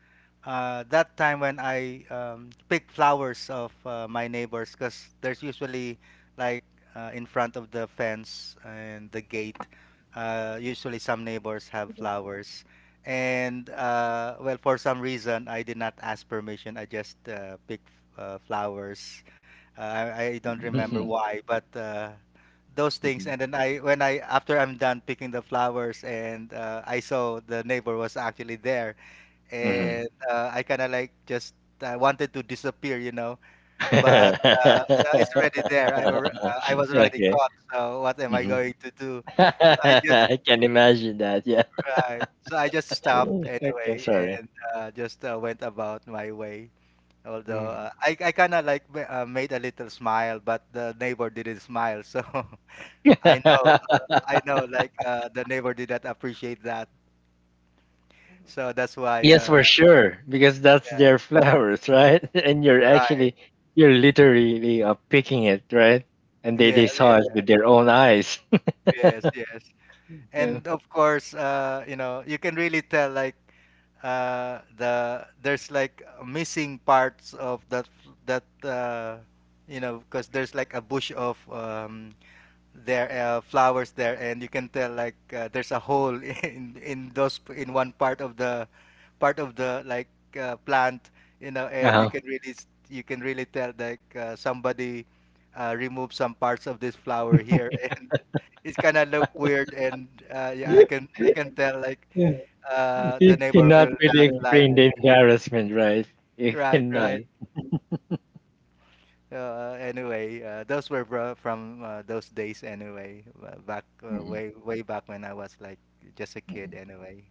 that time when I pick flowers of my neighbors, because there's usually like in front of the fence and the gate. Usually, some neighbors have flowers, and well, for some reason, I did not ask permission. I just picked flowers. Uh, I don't remember
Mm-hmm,
why, but those things.
mm-hmm,
And then I when I after I'm done picking the flowers, and I saw the neighbor was actually there.
mm-hmm.
And I kind of like just I wanted to disappear, you know. But you know, it's already there. I was already
Okay.
caught, so what am I
Mhm.
going to do? So I just
I can imagine that, yeah.
right, so I just stopped
Okay,
anyway,
sorry.
and just went about my way. Although
Mm.
I kind of like made a little smile, but the neighbor didn't smile, so I know, I know, like the neighbor did not appreciate that,
Mm-hmm.
so that's why.
Yes, for sure, because that's
Yeah,
their flowers, right? And you're
right.
actually, you're literally picking it, right? And
Yeah,
they saw it
yeah,
with their own eyes.
yes, yes.
Yeah.
And of course, you know, you can really tell like the there's like missing parts of that that uh, you know, because there's like a bush of there flowers there, and you can tell like there's a hole in those in one part of the like plant, you know. And you
Uh-huh.
can really you can really tell like somebody removed some parts of this flower here and it's kind of look weird. And yeah, I can, I can tell like
Yeah.
the
You
neighbor
cannot
will
really
not like
explain the embarrassment, right? You
right,
cannot.
right. Anyway, those were from those days anyway, back
Mhm,
way way back when I was like just a kid
mhm.
anyway.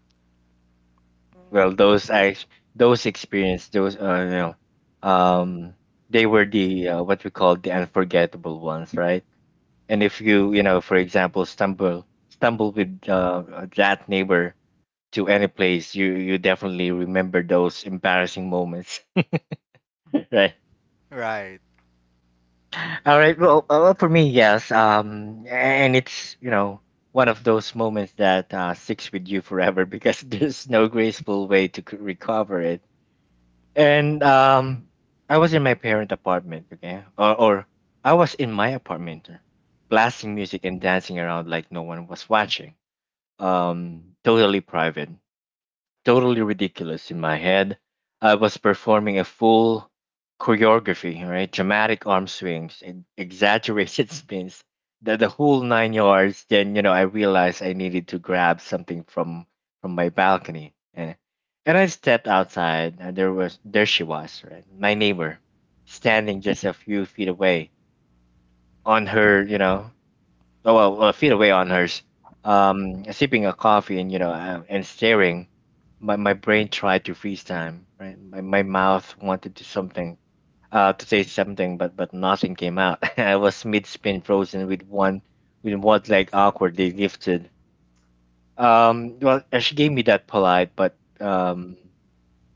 well those ex- those experience those you know um they were the what we call the unforgettable ones, right? And if you you know for example stumble with that neighbor to any place, you definitely remember those embarrassing moments. Right?
Right.
All right. Well for me, yes, and it's you know one of those moments that sticks with you forever because there's no graceful way to recover it. And I was in my parent apartment, okay, or I was in my apartment, blasting music and dancing around like no one was watching. Totally private, totally ridiculous in my head. I was performing a full choreography, right? Dramatic arm swings and exaggerated spins, the whole nine yards. Then you know I realized I needed to grab something from my balcony, and I stepped outside, and there she was, right? My neighbor, standing just a few feet away on her, you know, feet away on hers, sipping a coffee and you know and staring. My brain tried to freeze time. Right, my mouth wanted to something, to say something, but nothing came out. I was mid spin, frozen with one leg awkwardly lifted. She gave me that polite but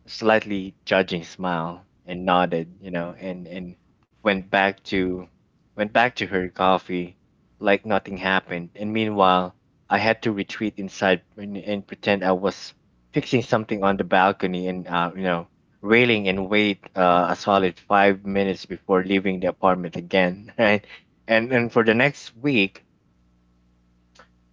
slightly judging smile and nodded, and went back to went back to her coffee like nothing happened. And meanwhile, I had to retreat inside and pretend I was fixing something on the balcony and railing and wait a solid 5 minutes before leaving the apartment again, right? And for the next week,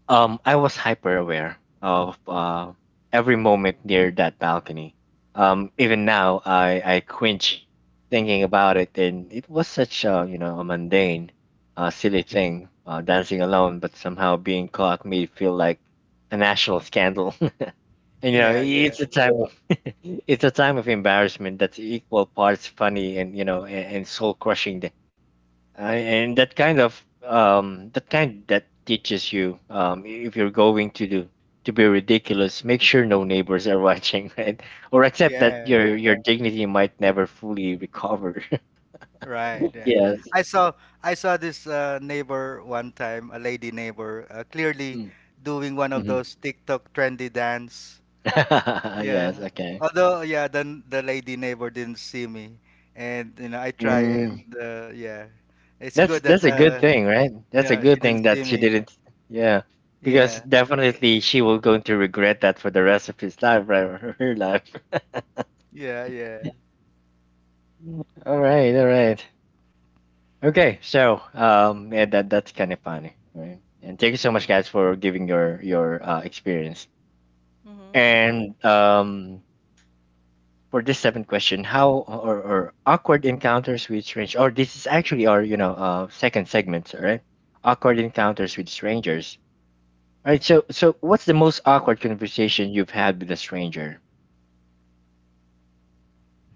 I was hyper aware of every moment near that balcony. Even now, I quench thinking about it, and it was such a a mundane, silly thing, dancing alone, but somehow being caught made it feel like a national scandal. And you know,
Yeah, yeah.
it's a time of it's a time of embarrassment that's equal parts funny and soul crushing and that kind of that kind that teaches you, if you're going to do to be ridiculous, make sure no neighbors are watching, right? Or accept that
Yeah.
your dignity might never fully recover.
Right, right.
Yes.
I saw, I saw this neighbor one time, a lady neighbor, clearly doing one of
Mm-hmm.
those TikTok trendy dance.
Yes.
Yeah.
Okay.
Although yeah, then the lady neighbor didn't see me, and you know I try
Mm,
and yeah. It's
that's
good that
that's a good thing, right? That's a
yeah, she
good thing
didn't see
that she
me.
didn't. Yeah, because
Yeah.
definitely she will going to regret that for the rest of his life, right? Or her life.
Yeah, yeah.
All right. All right. Okay, so yeah, that's kind of funny. Right? And thank you so much, guys, for giving your experience.
Mm-hmm.
And for this seventh question, or awkward encounters with strangers, or this is actually our second segment, all right? Awkward encounters with strangers. All right. So what's the most awkward conversation you've had with a stranger?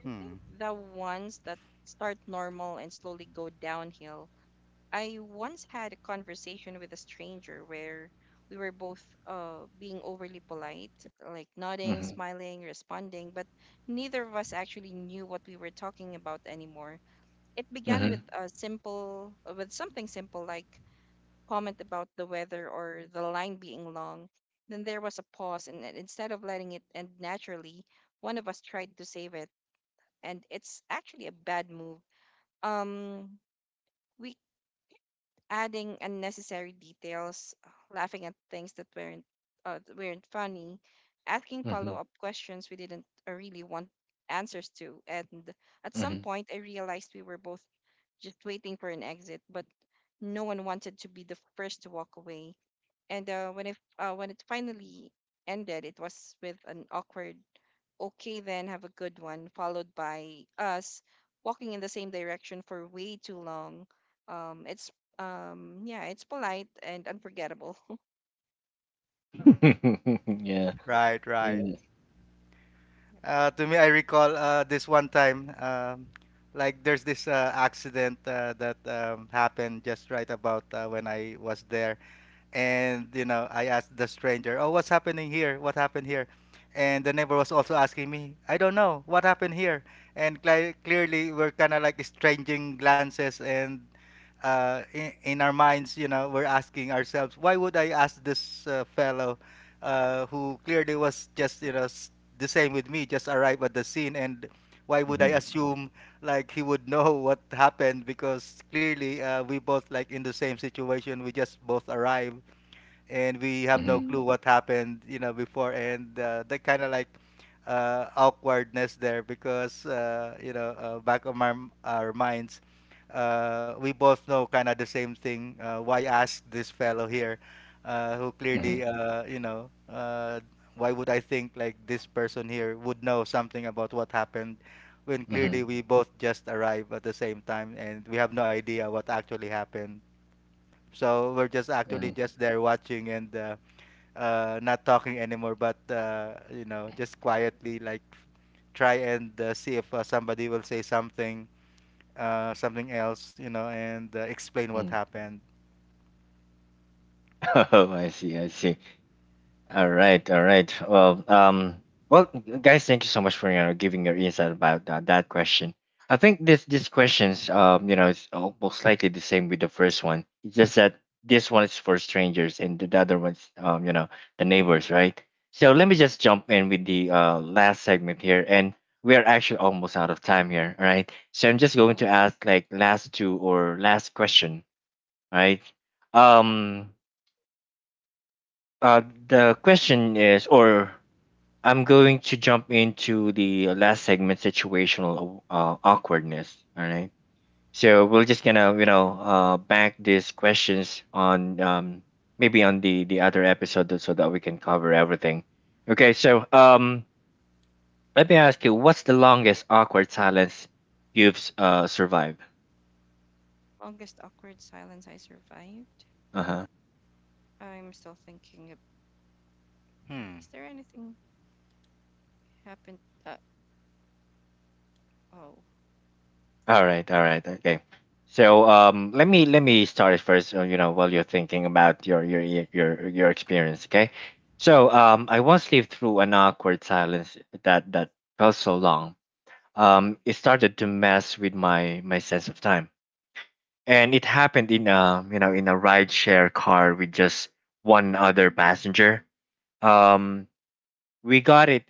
I
Hmm.
think the ones that start normal and slowly go downhill. I once had a conversation with a stranger where we were both being overly polite, like nodding,
Mm-hmm.
smiling, responding, but neither of us actually knew what we were talking about anymore. It began with
Mm-hmm.
something simple like comment about the weather or the line being long. Then there was a pause, and then instead of letting it end naturally, one of us tried to save it, and it's actually a bad move. Um, we adding unnecessary details, laughing at things that weren't funny, asking
Mm-hmm.
follow-up questions we didn't really want answers to, and at some
Mm-hmm.
point, I realized we were both just waiting for an exit, but no one wanted to be the first to walk away. And when it finally ended, it was with an awkward, "Okay, then, have a good one," followed by us walking in the same direction for way too long. It's Yeah, it's polite and unforgettable.
Yeah.
Right, right.
Yeah.
To me, I recall this one time, like there's this accident that happened just right about when I was there. And you know, I asked the stranger, "Oh, what's happening here? What happened here?" And the neighbor was also asking me, "I don't know what happened here." And cli clearly, we're kind of like exchanging glances, and in our minds, you know, we're asking ourselves, "Why would I ask this fellow, who clearly was just you know the same with me, just arrived at the scene, and why would I
Mm-hmm.
assume like he would know what happened, because clearly we both like in the same situation. We just both arrive, and we have no
Mm-hmm.
clue what happened, you know, before. And that kind of like awkwardness there, because you know, back of our minds, we both know kind of the same thing. Why ask this fellow here, who clearly,
Mm-hmm.
you know, why would I think like this person here would know something about what happened, when
Mm-hmm.
clearly we both just arrived at the same time and we have no idea what actually happened? So we're just actually
Mm-hmm.
just there watching, and not talking anymore, but you know, just quietly like try and see if somebody will say something, something else, you know, and explain what
Mm-hmm.
happened.
Oh, I see. I see. All right. All right. Well, well, guys, thank you so much for giving your insight about that question. I think this questions, it's almost likely the same with the first one. It's just that this one is for strangers and the other one's, the neighbors, right? So let me just jump in with the last segment here, and we are actually almost out of time here, all right? So I'm just going
Yeah,
to ask like last two or last question, all right? Um, the question is, or I'm going to jump into the last segment, situational awkwardness. All right. So we're just gonna, bank these questions on maybe on the other episode that- so that we can cover everything. Okay. So let me ask you, what's the longest awkward silence you've survived?
longest awkward silence I survived.
Uh-huh.
I'm still thinking. Is
Hmm.
there anything happened? Uh, oh.
All right, okay. So let me start it first. You know, while you're thinking about your experience, okay? So I once lived through an awkward silence that felt so long. It started to mess with my sense of time, and it happened in a in a rideshare car with just one other passenger. Um, we got it,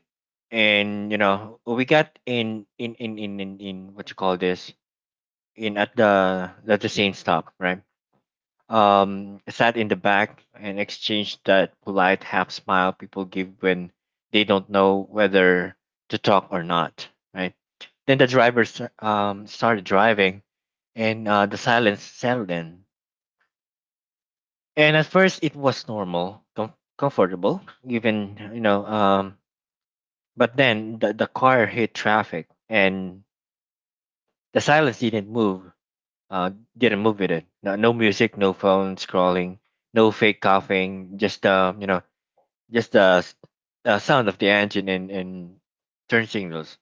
and you know we got in what you call this in at the same stop, right? Sat in the back and exchanged that polite half smile people give when they don't know whether to talk or not, right? Then the driver started driving, and the silence settled in. And at first, it was normal, comfortable, even, but then the car hit traffic, and the silence didn't move. Uh, didn't move with it. No, no music, no phone scrolling, no fake coughing. Just just the sound of the engine and turn signals.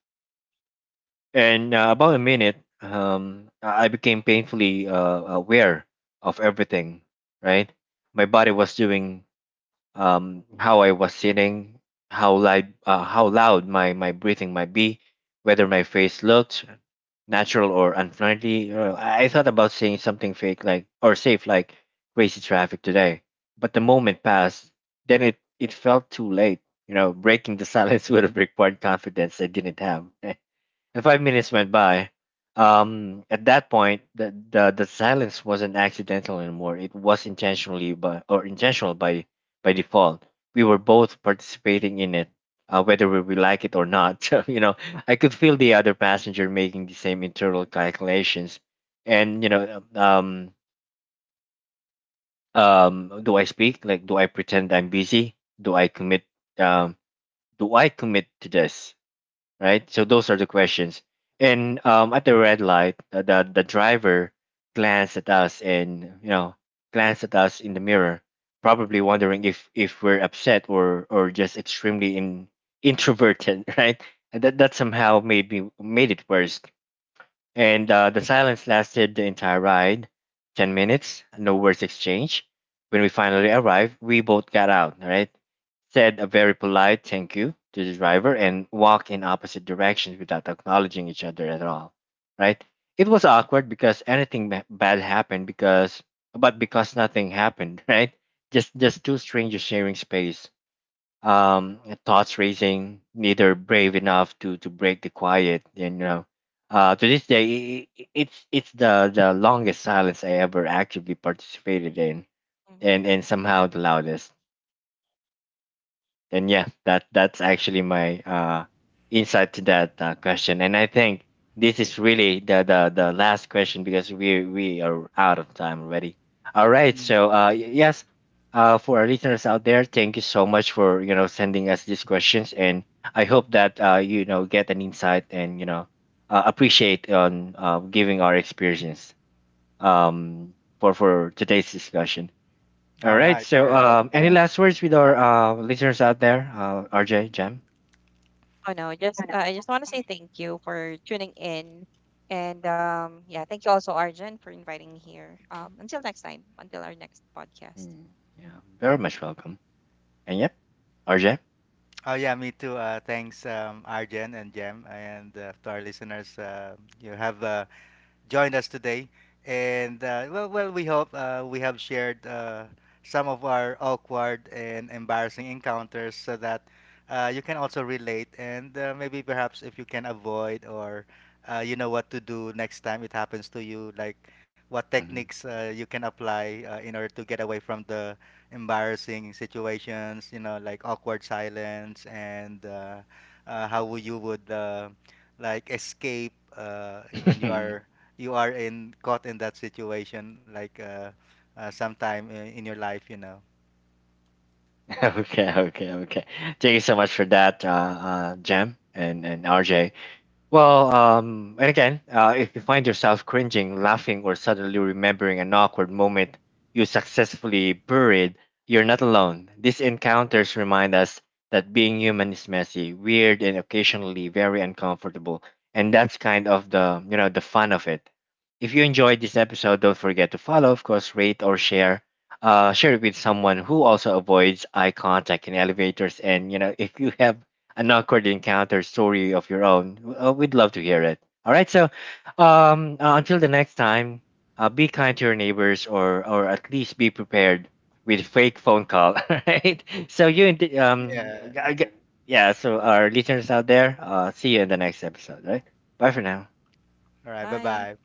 And about a minute, I became painfully aware of everything. Right, my body was doing, how I was sitting, how loud my breathing might be, whether my face looked natural or unfriendly. I thought about saying something fake like or safe like crazy traffic today, but the moment passed. Then it felt too late. You know, breaking the silence would have required confidence I didn't have. And 5 minutes went by. At that point, the silence wasn't accidental anymore. It was intentional by default. We were both participating in it, whether we like it or not. So, you know, I could feel the other passenger making the same internal calculations, and do I speak? Like, do I pretend I'm busy? Do I commit? Um, do I commit to this? Right? So those are the questions. And at the red light, the driver glanced at us and you know glanced at us in the mirror, probably wondering if we're upset or just extremely introverted, right? And that that somehow made it worse. And the silence lasted the entire ride 10 minutes, no words exchanged. When we finally arrived, we both got out, right? Said a very polite thank you to the driver and walked in opposite directions without acknowledging each other at all, right? It was awkward because bad happened because, but because nothing happened, right? Just two strangers sharing space, um, thoughts racing, neither brave enough to break the quiet. And you know, to this day, it's the longest silence I ever actively participated in,
Mhm.
and somehow the loudest. And yeah, that that's actually my insight to that question. And I think this is really the last question because we are out of time already, all right?
Mm.
So yes, for our listeners out there, thank you so much for sending us these questions. And I hope that you know get an insight, and you know, appreciate on giving our experience for today's discussion, all
All
right.
right.
So,
Yeah.
any last words with our listeners out there? RJ, Jam?
Oh no, just I just want to say thank you for tuning in, and yeah, thank you also Arjun for inviting me here. Until next time, until our next podcast.
Mm, yeah, very much welcome. And yep, RJ?
Oh yeah. Me too. Thanks, Arjen and Jem, and to our listeners. You have a joined us today. And well, well, we hope we have shared some of our awkward and embarrassing encounters, so that you can also relate, and maybe perhaps if you can avoid, or you know what to do next time it happens to you, like what techniques you can apply in order to get away from the embarrassing situations, you know, like awkward silence. And how would you would like escape when
Okay,
you are in caught in that situation, like sometime in your life, you know.
okay, okay. Thank you so much for that, Jam and RJ. Well, and again, if you find yourself cringing, laughing, or suddenly remembering an awkward moment you successfully buried, you're not alone. These encounters remind us that being human is messy, weird, and occasionally very uncomfortable. And that's kind of the the fun of it. If you enjoyed this episode, don't forget to follow, of course, rate or share. Share it with someone who also avoids eye contact in elevators. And you know, if you have an awkward encounter story of your own, we'd love to hear it. All right, so until the next time, be kind to your neighbors, or at least be prepared with fake phone call. All right, so you and the-
Yeah,
g- g- yeah, so our listeners out there, see you in the next episode. Right, bye for now.
all right, bye
Bye.
bye.